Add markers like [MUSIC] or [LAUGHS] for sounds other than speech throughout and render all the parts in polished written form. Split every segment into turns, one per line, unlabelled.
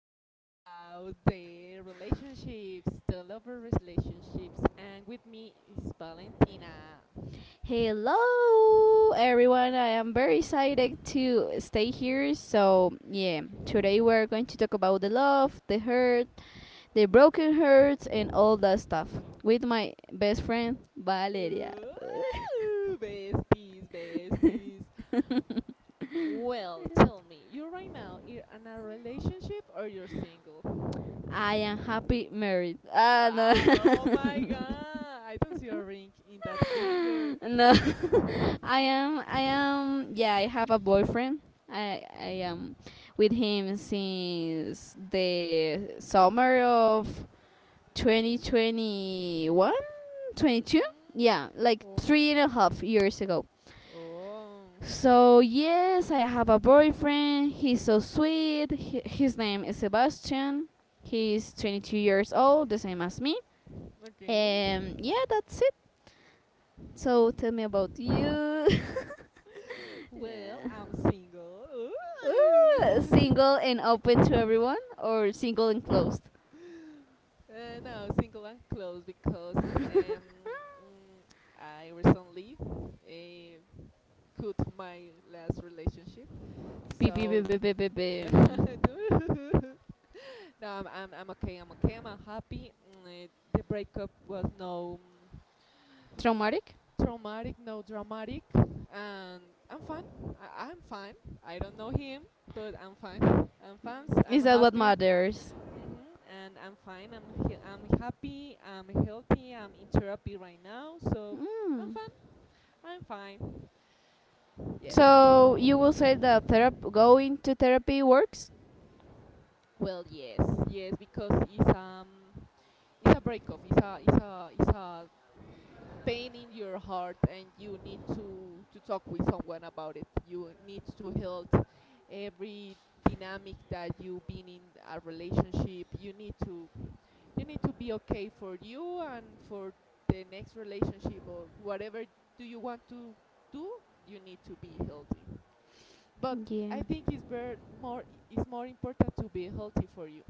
talk about the relationships, the lover relationships, and with me is Valentina.
Hello, everyone. I am very excited to stay here. So, yeah, today we're going to talk about the love, the hurt, the broken hearts, and all that stuff with my best friend, Valeria.
Ooh, besties, besties. Well, tell me,
[LAUGHS]
you right now you're in a relationship or you're single?
I am happy married. Ah, no.
Ah, oh
[LAUGHS]
my god, I don't see a ring in that finger.
No. [LAUGHS] I am yeah, I have a boyfriend. I am with him since the summer of 2021, twenty two. Yeah,
Mm.
like
Oh my.
three and a half years ago.
Oh.
So yes, I have a boyfriend. He's so sweet. He, his name is Sebastian. He's 22 years old, the same as me.
Okay. [LAUGHS]
Yeah, that's it. So tell me about you. [LAUGHS]
Well,
Yeah.
I'm single.
Ooh,
Ooh. [LAUGHS]
single and open to everyone, or single and
uh,
closed?
no, single and close because
[LAUGHS]
mm, I recently cut my last relationship.
Be- be- be-
So.
be- be- be- be-
[LAUGHS]
mm.
No, I'm okay. I'm okay. I'm happy. Mm, eh, the breakup was no.
Traumatic?
Traumatic, no, dramatic, and I'm fine. I'm fine. I don't know him, but I'm fine. I'm fine. I'm
Is that what
happy.
matters?
Hmm. And I'm fine. I'm happy. I'm healthy. I'm in therapy right now, so I'm
Mm.
fine. I'm fine. Yes.
So you will say that going to therapy works.
Well, yes, yes, because it's it's a breakup. It's a pain in your heart, and you need to talk with someone about it. You need to heal every dynamic that you've been in a relationship. You need to be okay for you and for the next relationship, or whatever do you want to do, you need to be healthy. But I
Yeah,
think it's very more it's more important to be healthy for you.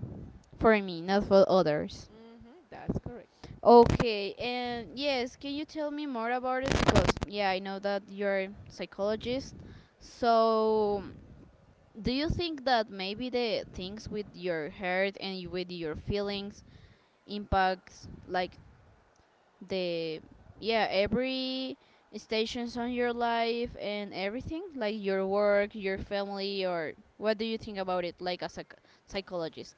for me, not for others.
Hmm, that's correct.
Okay, and yes, can you tell me more about it? Because yeah, I know that you're a psychologist. So, do you think that maybe the things with your heart and with your feelings impacts like the, yeah, every stations on your life and everything, like your work, your family, or what do you think about it, like as a psychologist?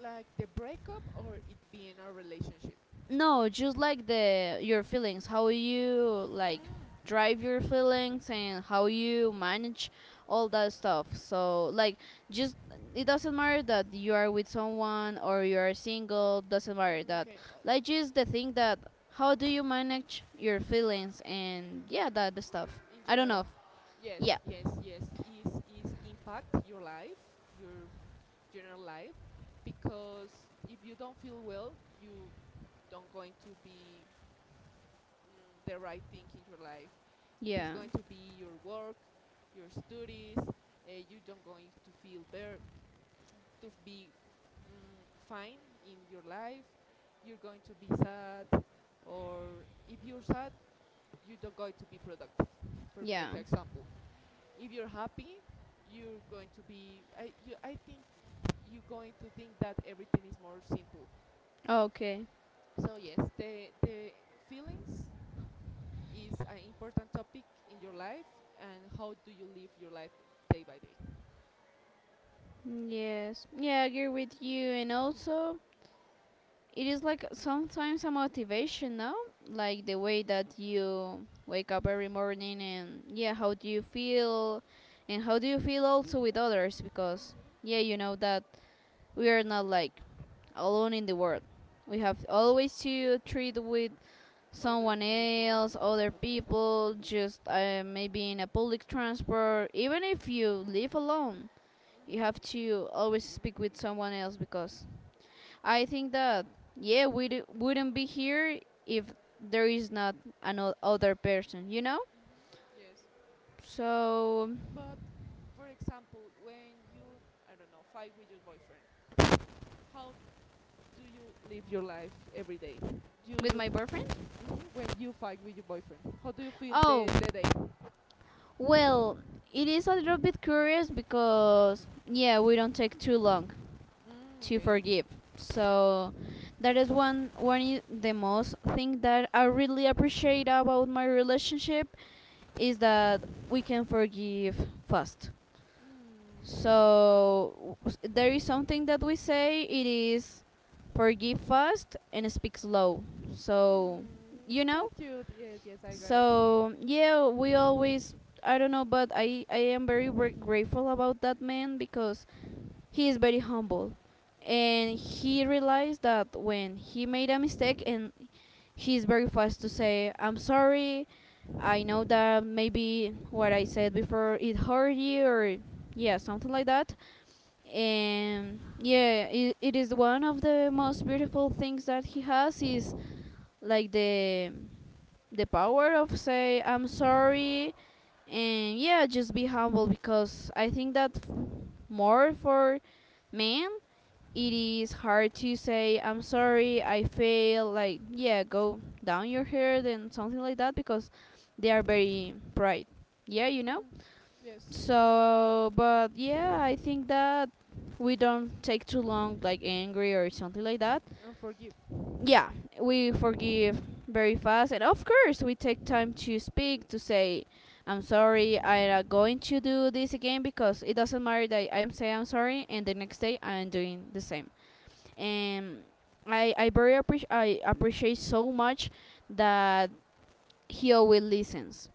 Like the breakup or it being a relationship?
No, just like the your feelings, how you like
Mm.
drive your feelings and how you manage all that stuff. So like, just, it doesn't matter that you are with someone or you are single, doesn't matter
Mm,
that.
okay,
Like just the thing that how do you manage your feelings and, yeah, that the stuff.
in
I don't
general,
know. Yeah.
yes, yes, yes, is impact your life, your general life, because if you don't feel well, you don't going to be, mm, the right thing in your life. It's
Yeah.
going to be your work, your studies. You don't going to feel better, to be, mm, fine in your life. You're going to be sad, or if you're sad, you don't going to be productive. For
Yeah.
make example, if you're happy, you're going to be, I think you're going to think that everything is more simple.
Okay.
So yes, the feelings is an important topic in your life, and how do you live your life day by day.
Yes. Yeah, I agree with you, and also it is like sometimes a motivation, no, like the way that you wake up every morning and, yeah, how do you feel and how do you feel also with others, because
Hmm.
yeah, you know that we are not like alone in the world. We have always to treat with
Other
someone
people.
else, other people, just maybe in a public transport even if you live alone. You have
Hmm.
to always speak with someone else because I think that yeah, we wouldn't be here if there is not another person, you know.
Hmm. Yes.
So,
But for example, when you, I don't know, fight with your boyfriend, how do you live your life every day, do
with
you?
my boyfriend.
Hmm. When you fight with your boyfriend? How do you feel
Oh,
the day?
well, it is a little bit curious because yeah, we don't take too long
Mm,
to
okay.
forgive. So that is one, the most thing that I really appreciate about my relationship is that we can forgive fast.
Mm.
So, there is something that we say: it is forgive fast and speak slow. So,
Mm,
you know,
that's cute. Yes, yes, I got it.
so yeah, we always, I don't know, but I am very grateful about that man because he is very humble, and he realized that when he made a mistake, and he's very fast to say I'm sorry. I know that maybe what I said before it hurt you, or yeah, something like that. And yeah, it is one of the most beautiful things that he has, is like the power of say I'm sorry, and yeah, just be humble, because I think that more for men it is hard to say I'm sorry, I fail, like yeah, go down your head and something like that, because they are very pride, yeah, you know.
Mm, yes,
So but yeah, I think that we don't take too long like angry or something like that.
and forgive. Mm,
Yeah, we forgive very fast, and of course, we take time to speak to say, "I'm sorry, I'm not going to do this again," because it doesn't matter that I'm saying I'm sorry, and the next day I'm doing the same. And I appreciate so much that he always listens.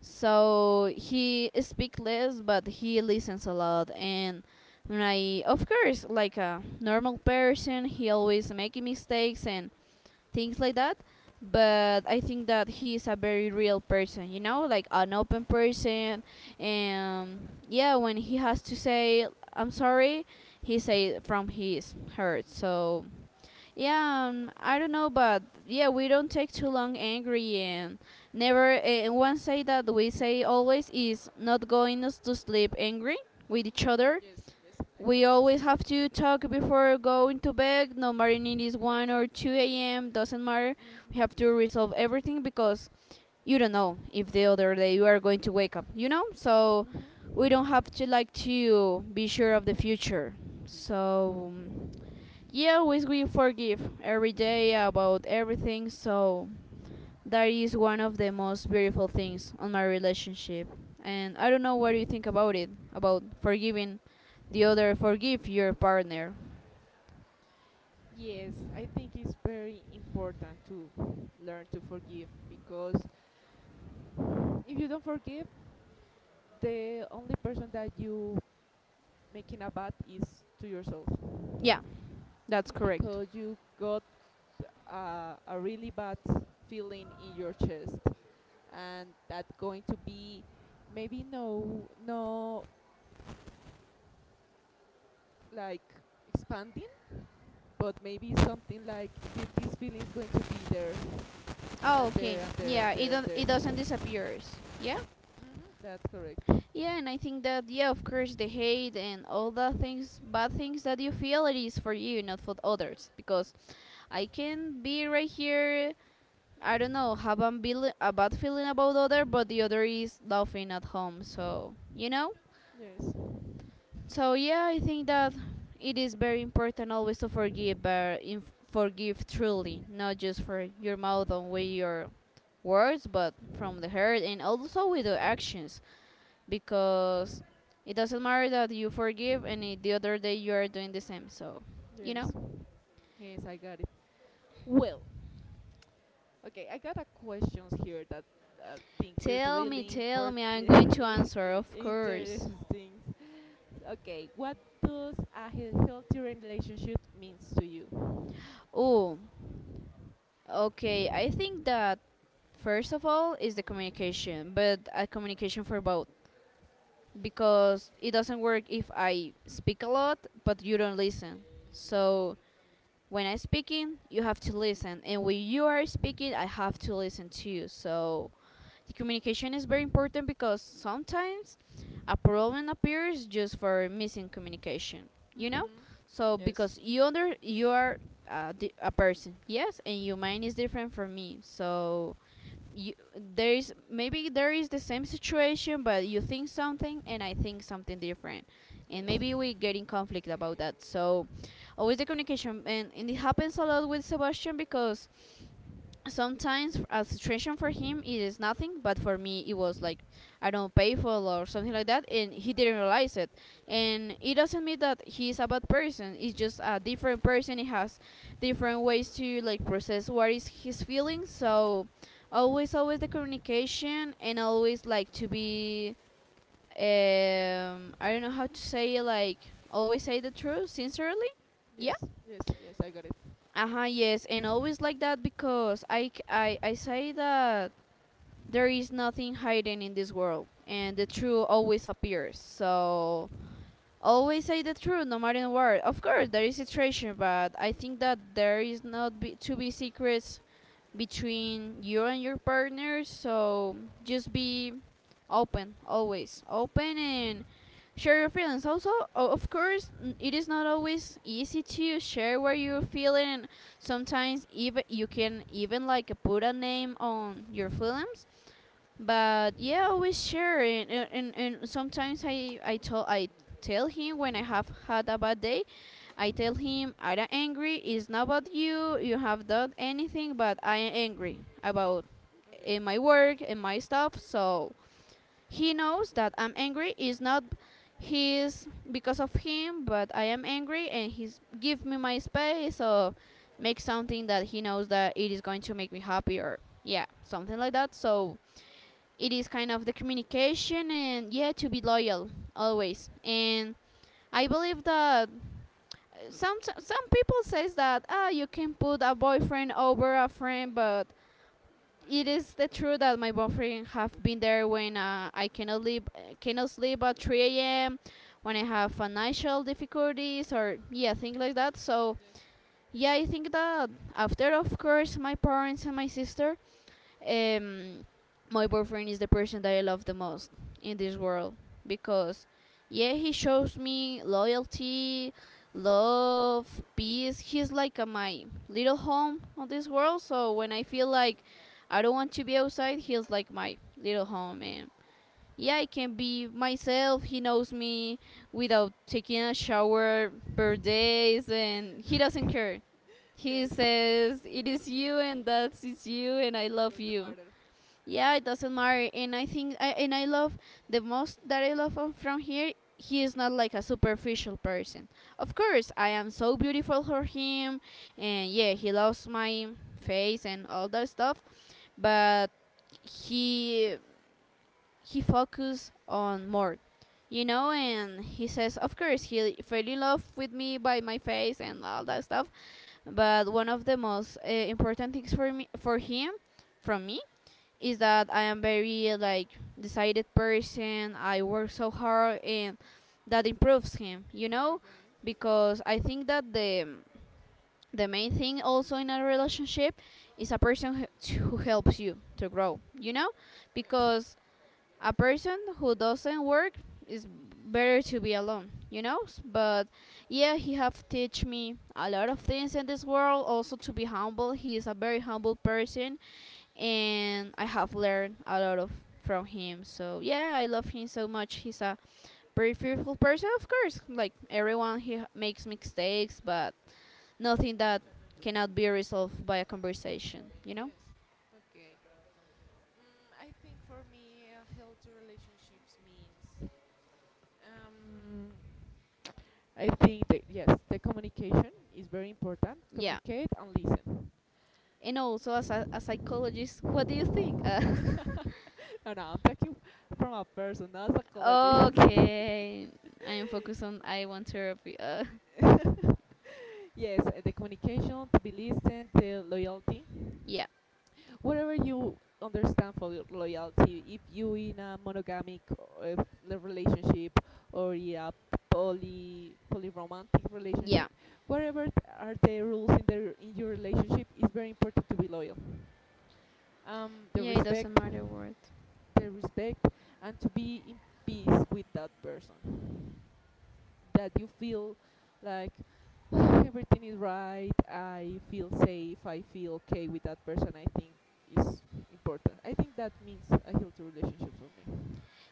So he speak less, but he listens a lot. And I, of course, like a normal person, he always making mistakes and things like that. But I think that he is a very real person, you know, like an open person. And yeah, when he has to say, "I'm sorry," he say from his heart. So yeah, I don't know, but yeah, we don't take too long angry and never. And one say that we say always is not going us to sleep angry with each other.
yes, yes, I
We
will listen
always
that.
have to talk before going to bed. No matter if it is 1 or 2 a.m., doesn't matter. We have to
Mm-hmm.
resolve everything because you don't know if the other day you are going to wake up, you know? So we
Mm-hmm.
don't have to like to be sure of the future. So yeah, always we forgive every day about everything. So that is one of the most beautiful things on my relationship. And I don't know what you think about it, about forgiving the other, forgive your partner.
Yes, I think it's very important to learn to forgive, because if you don't forgive, the only person that you making a bad is to yourself.
Yeah, that's correct.
Because you got a really bad feeling in your chest, and that's going to be, maybe no, no, like expanding, but maybe something like this feeling is going to be there,
Oh,
and
okay.
there and there
Yeah,
and
it
there and
don't,
there.
it doesn't
Hmm.
disappears. Yeah.
That's correct.
Yeah, and I think that yeah, of course, the hate and all the things, bad things that you feel, it is for you, not for others. Because I can be right here, I don't know, have a, a bad feeling about other, but the other is laughing at home. So you know.
Yes.
So yeah, I think that it is very important always to forgive, but forgive truly, not just for your mouth and with your words, but from the heart and also with the actions, because it doesn't matter that you forgive and it, the other day you are doing the same. So you
Yes,
know.
yes, I got it. Well, okay, I got a questions here that I think is
Tell me,
really
tell
important,
me. I'm going
[LAUGHS]
to
really
answer, of course.
interesting. Okay, what does a healthy relationship means to you?
Oh, okay, I think that first of all is the communication, but a communication for both, because it doesn't work if I speak a lot but you don't listen. So when I'm speaking, you have to listen, and when you are speaking, I have to listen to you. So the communication is very important because sometimes a problem appears just for missing communication. You know,
Mhm.
so
Yes.
because you under you are a, a person, yes, and your mind is different from me. So you, there is maybe there is the same situation but you think something and I think something different, and
Yes.
maybe we get in conflict about that. So always the communication, and it happens a lot with Sebastian because sometimes a situation for him it is nothing, but for me it was like, I don't know, painful or something like that, and he didn't realize it. And it doesn't mean that he's a bad person, it's just a different person. He has different ways to like process what is his feelings. So always the communication, and always like to be, I don't know how to say it, like always say the truth sincerely. Yeah,
Yes. Yes. Yes. I got it.
uh-huh, yes, and always like that because I say that there is nothing hidden in this world and the truth always appears. So always say the truth, no matter what. Of course, there is situation, but I think that there is not be, to be secrets between you and your partner. So just be open, always open, and share your feelings. Also, of course, it is not always easy to share what you're feeling, and sometimes even you can even like put a name on your feelings. But yeah, we share, and sometimes I tell him when I have had a bad day. I tell him I'm not angry, it's not about you, you have done anything, but I am angry about,
Okay.
in my work and my stuff. So he knows that I'm angry. It's not his, because of him, but I am angry, and he's give me my space or make something that he knows that it is going to make me happy or yeah, something like that. So it is kind of the communication and yeah, to be loyal always. And I believe that some people says that, ah, you can put a boyfriend over a friend, but it is the truth that my boyfriend have been there when I cannot leave, cannot sleep at 3 a.m. when I have financial difficulties or yeah, things like that. So
Yes.
yeah, I think that after, of course, my parents and my sister, um, my boyfriend is the person that I love the most in this world, because yeah, he shows me loyalty, love, peace. He's like a, my little home on this world. So when I feel like I don't want to be outside, he's like my little home, and yeah, I can be myself. He knows me without taking a shower per
Hmm.
days, and he
[LAUGHS]
doesn't
Okay.
care. He
Yes.
says, "It is you, and that is you, and I love
That's the
you."
matter.
Yeah, it doesn't matter, and I think, I, and I love the most that I love him from here. He is not like a superficial person. Of course, I am so beautiful for him, and yeah, he loves my face and all that stuff, but he he focused on more and he says of course he fell in love with me by my face and all that stuff, but one of the most important things for me for him from me is that I am very like decided person. I work so hard and that improves him.
Okay.
Because I think that the main thing also in a relationship is a person who helps you to grow,
Yes.
because a person who doesn't work is better to be alone, but yeah, he have teach me a lot of things in this world, also to be humble. He is a very humble person, and I have learned a lot of from him. So yeah, I love him so much. He's a very fearful person, of course. Like everyone, he makes mistakes, but nothing that cannot be resolved by a conversation. You know?
Yes. Okay. Mm, I think for me, a healthy relationships means, um, I think that yes, the communication is very important.
Yeah.
Communicate and listen.
And also, as a psychologist,
[LAUGHS]
what do you think?
No, no, I'm talking from a person, not a
[LAUGHS]
psychologist. [LAUGHS]
Okay, I am focused on I want therapy. [LAUGHS]
[LAUGHS] Yes, the communication, to be listened, the loyalty.
Yeah,
Whatever you understand for loyalty, if you in a monogamic relationship or in a polyromantic
yeah,
relationship, whatever are the rules in the in your relationship, it's very important to be loyal. Um, the
yeah. It
respect,
doesn't matter what.
the respect, and to be in peace with that person, that you feel like, [SIGHS] everything is right, I feel safe, I feel okay with that person. I think is important. I think that means a healthy relationship for me.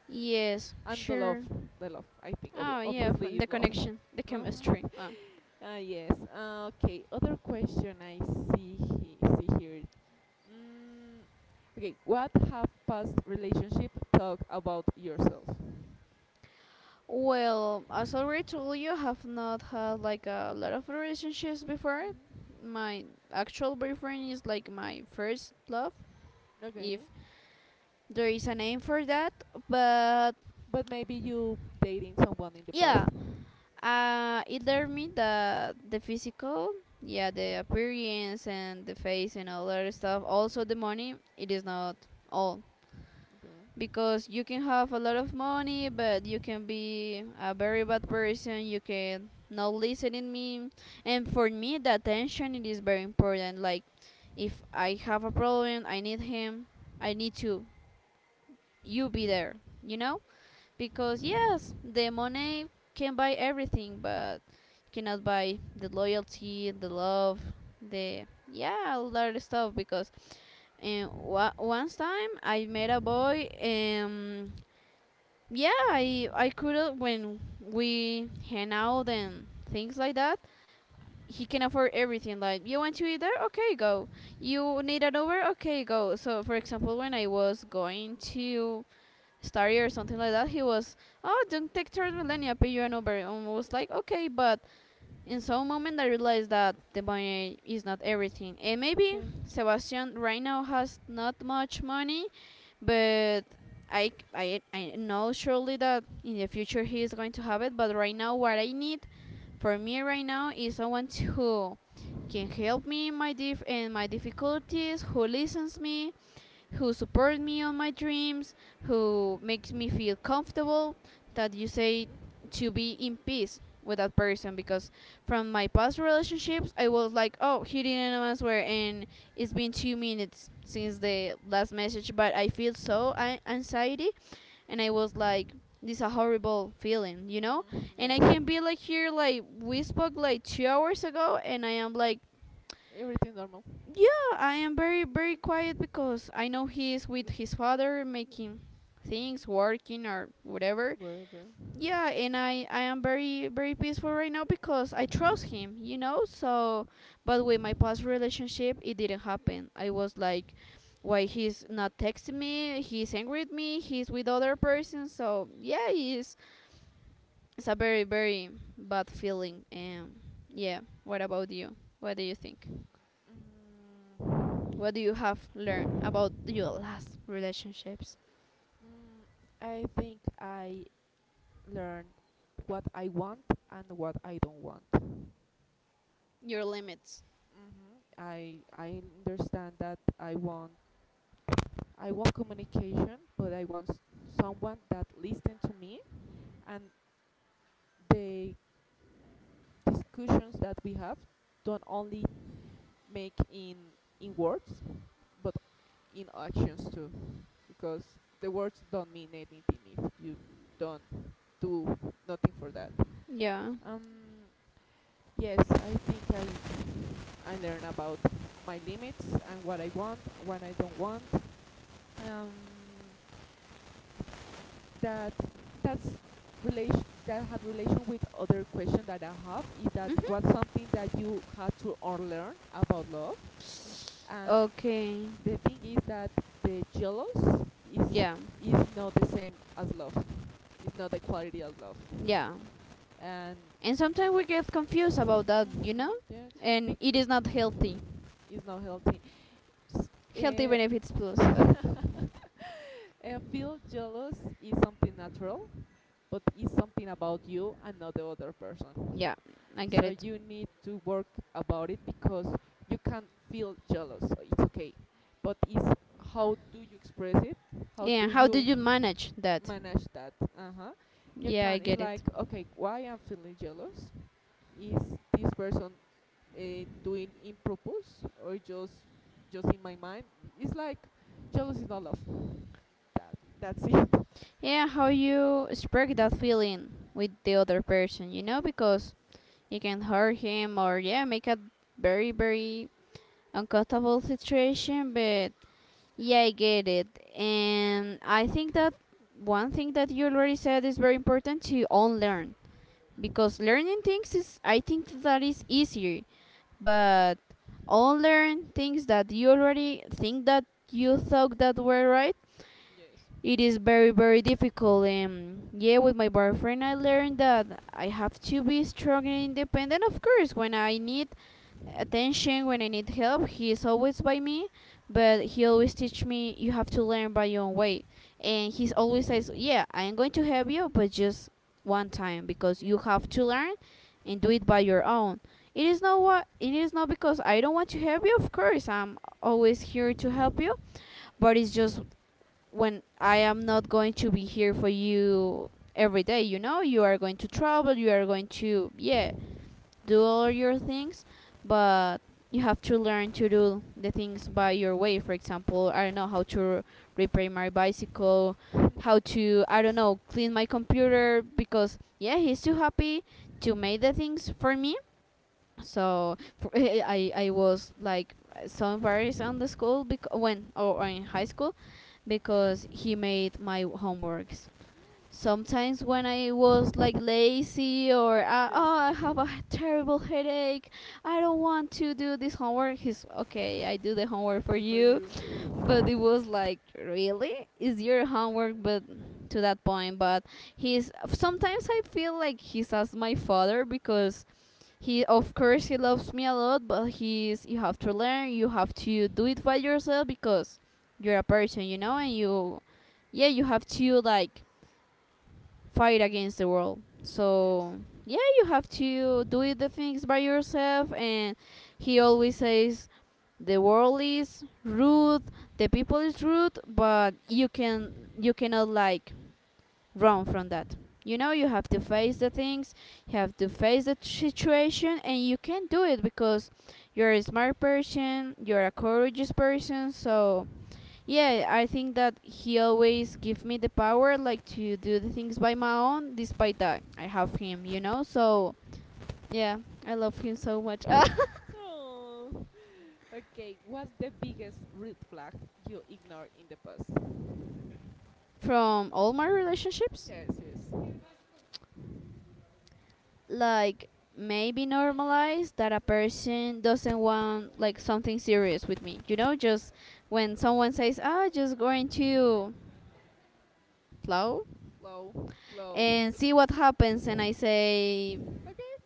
Yes,
And the love,
sure.
the love, I think
Oh yeah, from
obviously
the
love.
connection, the
Hmm.
chemistry. Oh.
[LAUGHS] Uh, yes, okay, other question I see, see here, mm, okay, what have past relationship, talk about yourself.
Well, as I already told you, I have not had like a lot of relationships before.
Hmm.
My actual boyfriend is like my first love, if
Okay.
there is a name for that. But
But maybe you dating someone in the past.
yeah, it learned me that the physical, yeah, the appearance and the face and all that stuff. Also the money, it is not all.
Okay.
Because you can have a lot of money, but you can be a very bad person. You can not listen in me, and for me the attention it is very important. Like if I have a problem I need him, I need to, you be there, you know? Because yes, the money can buy everything, but cannot buy the loyalty, the love, the, yeah, all that stuff. Because, and wa once time I met a boy, and yeah, I could when we hang out and things like that, he can afford everything. Like you want to eat there, okay, go. You need an Uber, okay, go. So for example, when I was going to Starry or something like that, he was, oh, don't take Transmillennia, pay you an Uber, and I was like, okay, but in some moment I realized that the money is not everything, and maybe
Okay.
Sebastian right now has not much money, but. I know surely that in the future he is going to have it, but right now what I need for me right now is someone who can help me in my in my difficulties, who listens me, who support me on my dreams, who makes me feel comfortable, that you say, to be in peace with that person. Because from my past relationships I was like, oh, he didn't answer and it's been 2 minutes since the last message, but I feel so anxiety and I was like, this is a horrible feeling.
Mm,
And I
yes.
can be like here, like we spoke like 2 hours ago and I am like,
Everything normal.
yeah, I am very, very quiet because I know he is with his father making things, working or whatever.
Whatever.
Yeah, and I am very, very peaceful right now because I trust him, you know? So, but with my past relationship, it didn't happen. I was like, why he's not texting me, he's angry at me, he's with other person. So, yeah, it's a very, very bad feeling. And yeah, what about you? What do you think?
Mm.
What do you have learned about your last relationships?
Mm, I think I learn what I want and what I don't want.
Your limits.
Mm-hmm. I understand that I want, I want communication, but I want someone that listen to me, and the discussions that we have don't only make in words, but in actions too, because the words don't mean anything if you don't do nothing for that.
Yeah.
Um, yes, I think I learn about my limits and what I want, what I don't want. Um, that that's relation that had relation with other question that I have, is that
Mhm.
what's something that you had to unlearn about love? And
Okay.
the thing is that the jealous
Yeah.
is not the same as love. It's not the quality as love,
Yeah.
and
And sometimes we get confused about that,
hmm,
you know?
yeah,
And
bec-
it is not healthy.
it's not healthy. S-
Healthy
eh,
benefits plus.
[LAUGHS] eh, feel jealous is something natural, but it's something about you and not the other person,
Yeah, I get
so
it.
you need to work about it, because you can feel jealous. So it's okay, but it's, how do you express it, how
Yeah,
do
how did
you
you manage that?
manage that? Uh-huh. You
Yeah, I
can, it's
get
like,
it.
okay, why I'm feeling jealous? Is this person, doing in purpose, or just in my mind? It's like jealous is not love. That, that's it. [LAUGHS]
Yeah, how you spark that feeling with the other person, you know? Because you can hurt him or, yeah, make a very, very uncomfortable situation, but yeah, I get it. And I think that one thing that you already said is very important to unlearn,
Hmm.
because learning things is, I think that is easier, but unlearn things that you already think that you thought that were right,
Yes.
it is very, very difficult. And yeah, with my boyfriend, I learned that I have to be strong and independent. Of course, when I need attention, when I need help, he is always by me. But he always teach me, you have to learn by your own way. And he always says, "Yeah, I am going to help you, but just one time because you have
Yes.
to learn and do it by your own." It is not what it is not because I don't want to help you. Of course, I'm always here to help you, but it's just when I am not going to be here for you every day, you are going to travel, you are going to, yeah, do
Yes.
all your things, but you have to learn to do the things by your way. For example, I don't know how to repair my bicycle,
[LAUGHS]
how to, I don't
Yes.
know, clean my computer because, yeah, he's too happy to make the things for me so for, [LAUGHS] I was like so embarrassed on the school when or in high school because he made my homeworks sometimes when I was like lazy or
Yes.
oh, I have a terrible headache, I don't want to do this homework. He's okay, I do the
I
homework for
play for
you,
you.
[LAUGHS] but it was like really is your homework, but to that point. But he's sometimes I feel like he's as my father because he of course he loves me a lot, but he's you have to learn, you have to do it by yourself, because you're a person, and you, yeah, you have to like fight against the world.
Yes.
So yeah, you have to do the things by yourself. And he always says, the world is rude, the people is rude, but you cannot like run from that. You know, you have to face the things, you have to face the situation, and you can do it because you're a smart person, you're a courageous person. So yeah, I think that he always give me the power like to do the things by my own despite that I have him, you know? So, yeah, I love him so much. [LAUGHS]
Oh. Okay. What's the biggest red flag you ignored in the past?
From all my relationships,
Yes. Yes.
like maybe normalize that a person doesn't want like something serious with me. You know, just when someone says, "Ah, just going to plow
Flow. Flow.
and see what happens," and I say,
Okay.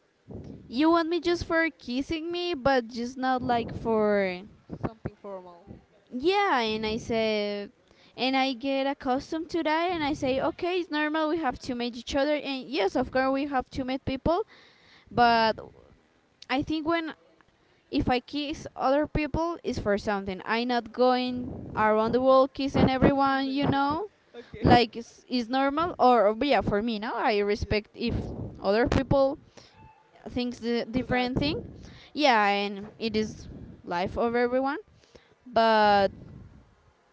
"You want me just for kissing me, but just not like for
Something formal.
yeah, and I said, and I get accustomed to that, and I say, okay, it's normal, we have to meet each other, and yes, of course we have to meet people, but I think when, if I kiss other people it's for something. I'm not going around the world
[LAUGHS]
kissing
Kissing
everyone,
them. [LAUGHS] Okay. [LAUGHS]
like it's normal, or yeah. For me now I
Yes.
respect if other people thinks the
Do that.
different thing, yeah, and it is life of everyone, but.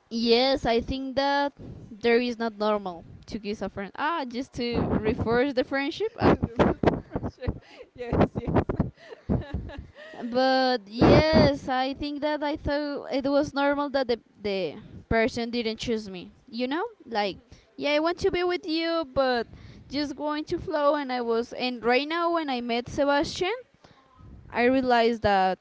Yes, I think that there is not normal to kiss a friend. Ah, just
[LAUGHS]
to
There
reinforce the friendship. Ah.
was a pressure. [LAUGHS] Yes. Yes. [LAUGHS] Mhm.
But yes, I think that I thought it was normal that the person didn't choose me. You know? Like, yeah, I want to be with you, but just going to flow, and I was, and right now when I met Sebastian, I realized that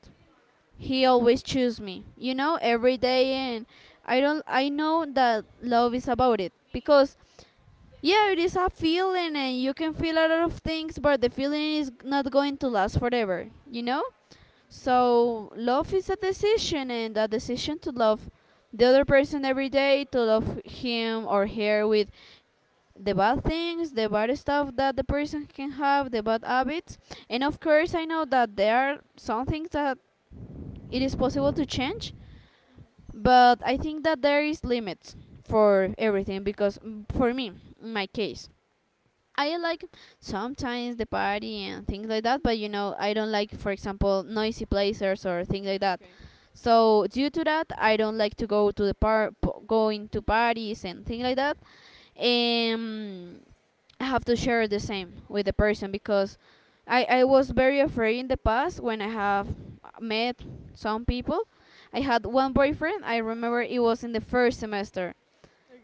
he always choose me, every day, and I don't I know that love is about it, because yeah, it is a feeling, and you can feel a lot of things, but the feeling is not going to last forever.
Okay.
So love is a decision, and a decision to love the other person every day, to love him or her with the bad things, the bad stuff that the person can have, the bad habits. And of course, I know that there are some things that it is possible to change,
Mhm.
but I think that there is limits for everything, because for me, in my case, I like sometimes the party and things like that, but I don't like, for example, noisy places or things like
Mm,
that.
okay.
So due to that, I don't like to go to going to parties and things like that. Um, I have to share the same with the person, because I was very afraid in the past when I have met some people. I had one boyfriend. I remember it was in the first semester,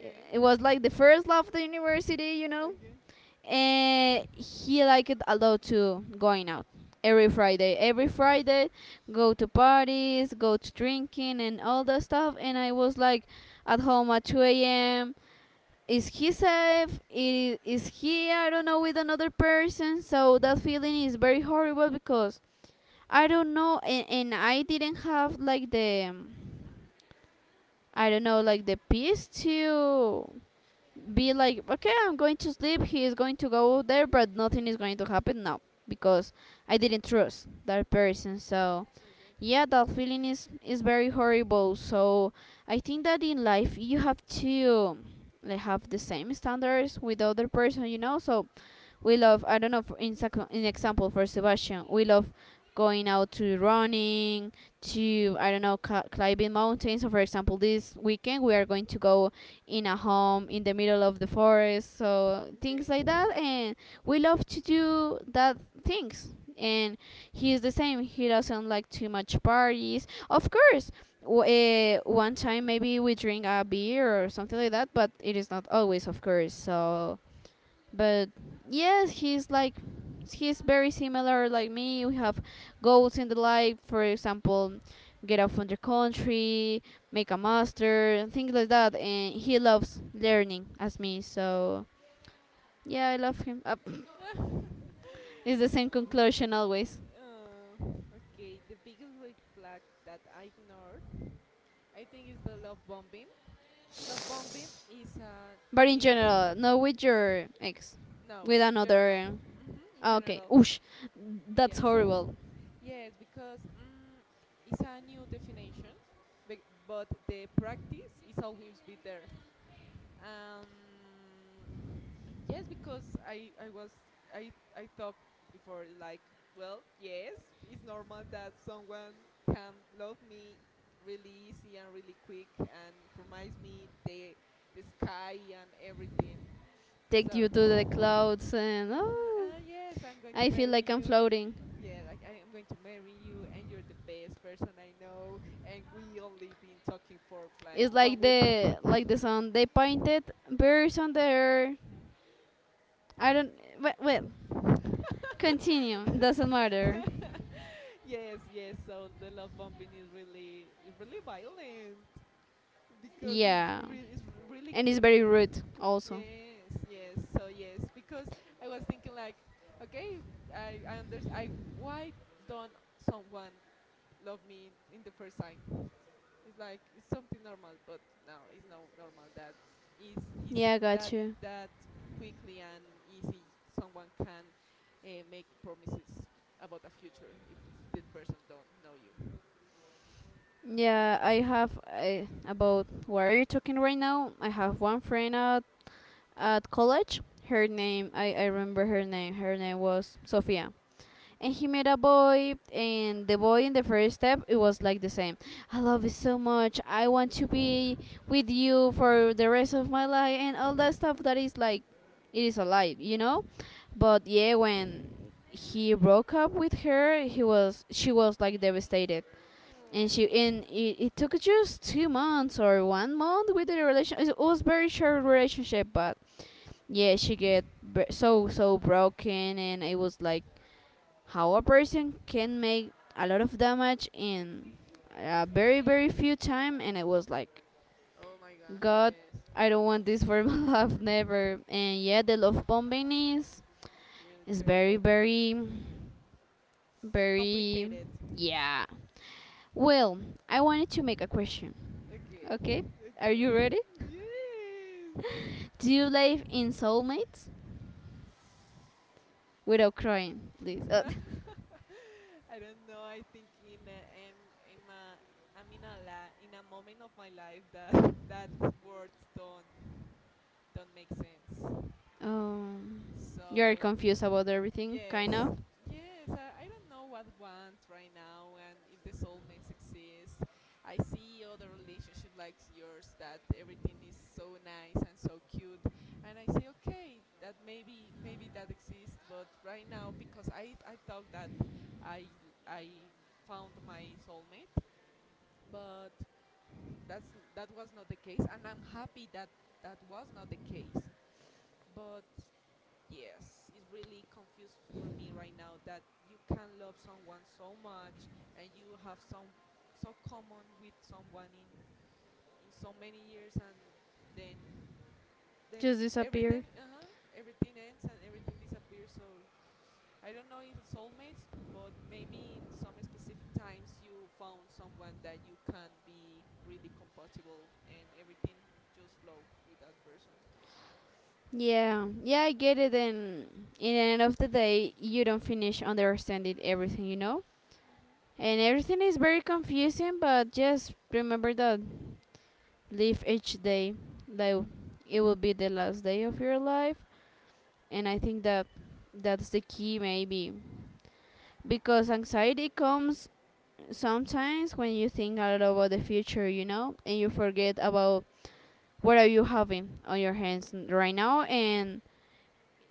it- it was like the first love of the university.
Okay.
And he liked it a lot to going out every Friday. Every Friday, go to parties, go to drinking, and all that stuff. And I was like, at home at 2 a.m. Is he safe? Is he, I don't know, with another person? So that feeling is very horrible because I don't know, and I didn't have like the, I don't know, like the peace to be like, okay, I'm going to sleep. He is going to go there, but nothing is going to happen now because I didn't trust that person. So,
Okay.
yeah, that feeling is very horrible. So, I think that in life you have to like have the same standards with the other person, you know. So, we love, I don't know, in example for Sebastian, we love going out to running to, I don't know, climbing mountains. So for example this weekend we are going to go in a home in the middle of the forest,
Mm,
so things
okay.
like that. And we love to do that things. And he is the same. He doesn't like too much parties, of course. One time maybe we drink a beer or something like that, but it is not always, of course. So but yes, he's like, he's very similar like me. We have goals in the life, for example, get out from the country, make a master and things like that. And he loves learning as me. So yeah, I love him. [LAUGHS]
[LAUGHS]
It's the same conclusion always.
Uh, okay, the biggest red flag that I ignored, I think, is the love bombing. Love bombing is a
But in
new.
general, not with your ex?
No,
With
in general.
another?
Hmm, in
Ah, okay,
general.
oosh, that's
Yes.
horrible.
Yes, because, mm, it's a new definition, but, but the practice is always be there. Um, Yes, because I was, I talked before like, well, yes, it's normal that someone can love me really easy and really quick, and promise me the sky and everything.
Take you
So,
to the clouds, and
mm,
oh,
yes, I'm going to
I feel
marry
like I'm
you.
floating.
Yeah, like I am going to marry you, and you're the best person I know. And we only been talking for like
It's
one
like
week. [LAUGHS]
the sun. They painted birds on the air. I don't. Well, well, continue. Doesn't matter.
[LAUGHS] Yes, yes. So the love bombing is really violent, because it's
Yeah,
it's really
and it's very
cl-
rude also.
yes, yes. So yes, because I was thinking like, okay, I understand. I why don't someone love me in the first time? It's like it's something normal, but no, it's no normal that is is
Yeah, got
that
you.
that quickly and easy someone can, make promises about the future if that person don't know you.
Yeah, I have, about what are you talking right now? I have
Mhm.
one friend at college. Her
Okay.
name, I remember her name. Her name was Sofia. And
Okay.
he met a boy, and the boy in the first step, it was like the same. I love you so much. I want to be with you for the rest of my life, and all that stuff. That is like, it is a lie, you know. But yeah, when he broke up with her, he was, she was like devastated, and she,
Oh.
and it took just 2 months or 1 month with the relation. It was very short relationship, but yeah, she get so so broken, and it was like, how a person can make a lot of damage in a very very few time. And it was like,
Oh my god.
god,
Yes.
I don't want this for [LAUGHS] my life
[LAUGHS]
never. And yeah, the love bombing is
Really
very
terrible.
very very,
Complicated.
yeah, well, I wanted to make a question.
Okay.
Okay, are you
Okay. [LAUGHS]
ready?
Yes.
[LAUGHS] Do you live in soulmates without crying, please? [LAUGHS]
[LAUGHS] I don't know. I think in a, I'm a, I'm in a la, in a moment of my life that [LAUGHS] that words don't make sense.
Um, you're
So,
confused about everything,
yes,
kind of
yes, I don't know what want right now and if the soulmates exist. I see other relationship like yours that everything is so nice and so cute, and I say okay that maybe maybe that exists, but right now, because I thought that I I found my soulmate, but that's, that was not the case, and I'm happy that that was not the case, but yes, it's really confused for me right now that you can love someone so much, and you have some so common with someone in so many years, and then then
just
everything,
disappear.
uh-huh, everything ends and everything disappears. So I don't know if it's soulmates, but maybe in some specific times you found someone that you can be really compatible, and everything just flow with that person.
Yeah, yeah, I get it. And in the end of the day, you don't finish understanding everything, you know?
Hmm.
And everything is very confusing, but just remember that live each day like it will be the last day of your life. And I think that that's the key, maybe. Because anxiety comes sometimes when you think a lot about the future, you know, and you forget about what are you having on your hands right now.
Yes.
And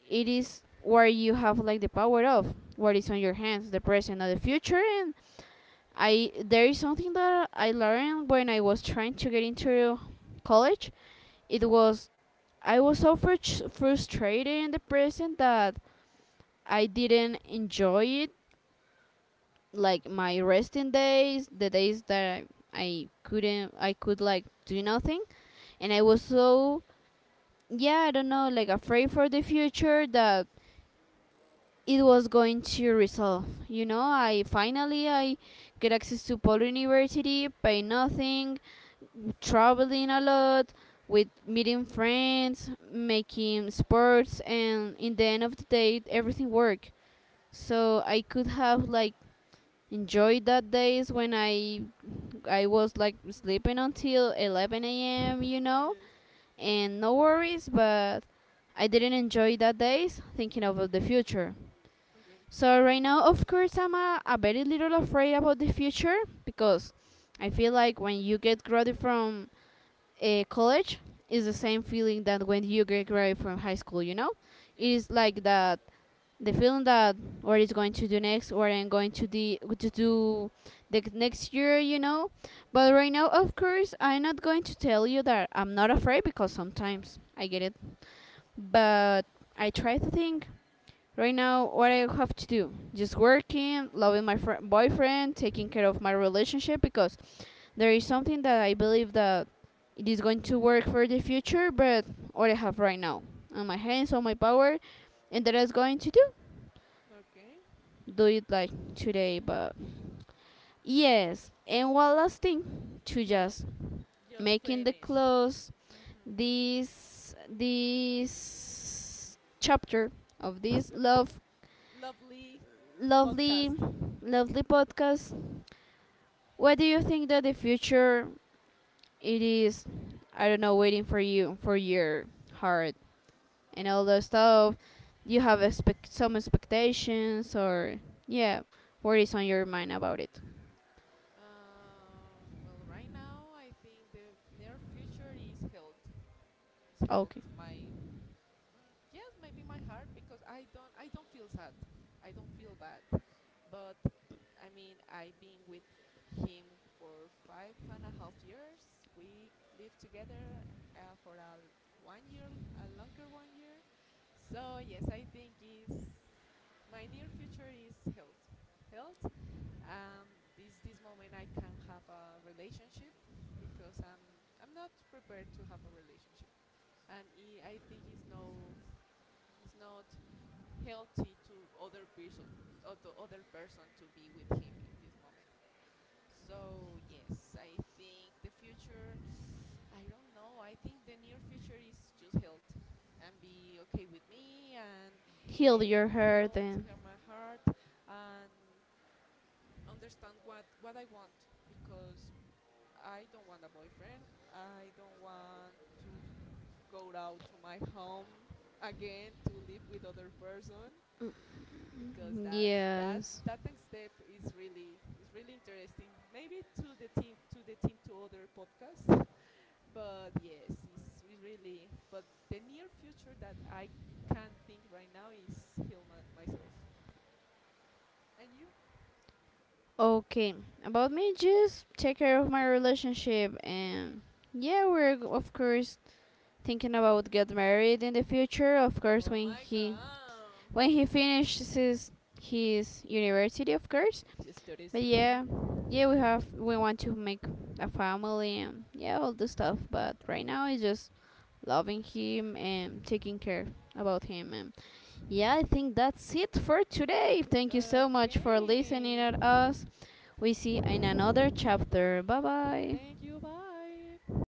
it is where you have like the power of what is on your hands, the present or the future. And I, there is something that I learned when I was trying to get into college. It was, I was so frustrated in the present that I didn't enjoy it, like my resting days, the days that I couldn't, I could like do nothing. And I was so, yeah, I don't know, like afraid for the future that it was going to resolve. You know, I finally I get access to Paul University, pay nothing, traveling a lot, with meeting friends, making sports, and in the end of the day, everything worked. So I could have like enjoyed that days when I was like sleeping until 11 a.m. You know,
Yes.
and no worries, but I didn't enjoy that days thinking about the future.
Okay.
So right now, of course, I'm a very little afraid about the future because I feel like when you get grounded from college is the same feeling that when you graduate from high school. You know, it
Yes.
is like that, the feeling that, what is going to do next, what I'm going to to do the next year. You know, but right now, of course, I'm not going to tell you that I'm not afraid because sometimes I get it, but I try to think, right now, what I have to do? Just working, loving my boyfriend, taking care of my relationship. Because there is something that I believe that it is going to work for the future, but what I have right now on my hands, on my power, and that I was going to do.
Okay.
Do it like today. But yes. And one last thing, to
Well,
just
just
making the
finish.
close
Mm-hmm.
this chapter of
Yes,
this
chapter.
love,
Lovely
lovely,
podcast. [LAUGHS]
lovely podcast. What do you think that the future it is, I don't know, waiting for you, for your heart and all that stuff? You have expect some expectations or, yeah, what is on your mind about it?
Um. Well, right now I think the near future is health. Is health
Okay,
my? Mm, yes, maybe my heart, because I don't. I don't feel sad. I don't feel bad. But I mean, I've been with him for five and a half years. We lived together, uh, for a l- 1 year, a longer 1 year. So yes, I think is my near future is health. Health. This this moment I can have a relationship, because I'm not prepared to have a relationship, and I think it's no, it's not healthy to other person, or the other person to be with him in this moment. So yes, I think the future, I don't know, I think the near future is just health, and be okay with me, and
heal
uh,
your heart,
health
and
hear my heart, and understand what I want, because I don't want a boyfriend, I don't want to go out to my home again to live with other person, because that's that,
yes.
that next step is really, is really interesting. Maybe to the team, to the team to other podcasts, [LAUGHS] but yes, it's really. But the near future that I can think right now is heal my, myself. And you?
Okay, about me, just take care of my relationship.
Okay.
And yeah, we're of course thinking about get married in the future. Of course,
Oh
when
my
he,
god.
when he finishes his university, of course.
Just do this.
But yeah,
Hmm.
yeah, we want to make a family and yeah, all the stuff. But right now, it's just loving him and taking care about him. And yeah, I think that's it for today. Thank you so much for listening
Okay.
at us. We see in another chapter. Bye bye.
Thank you. Bye.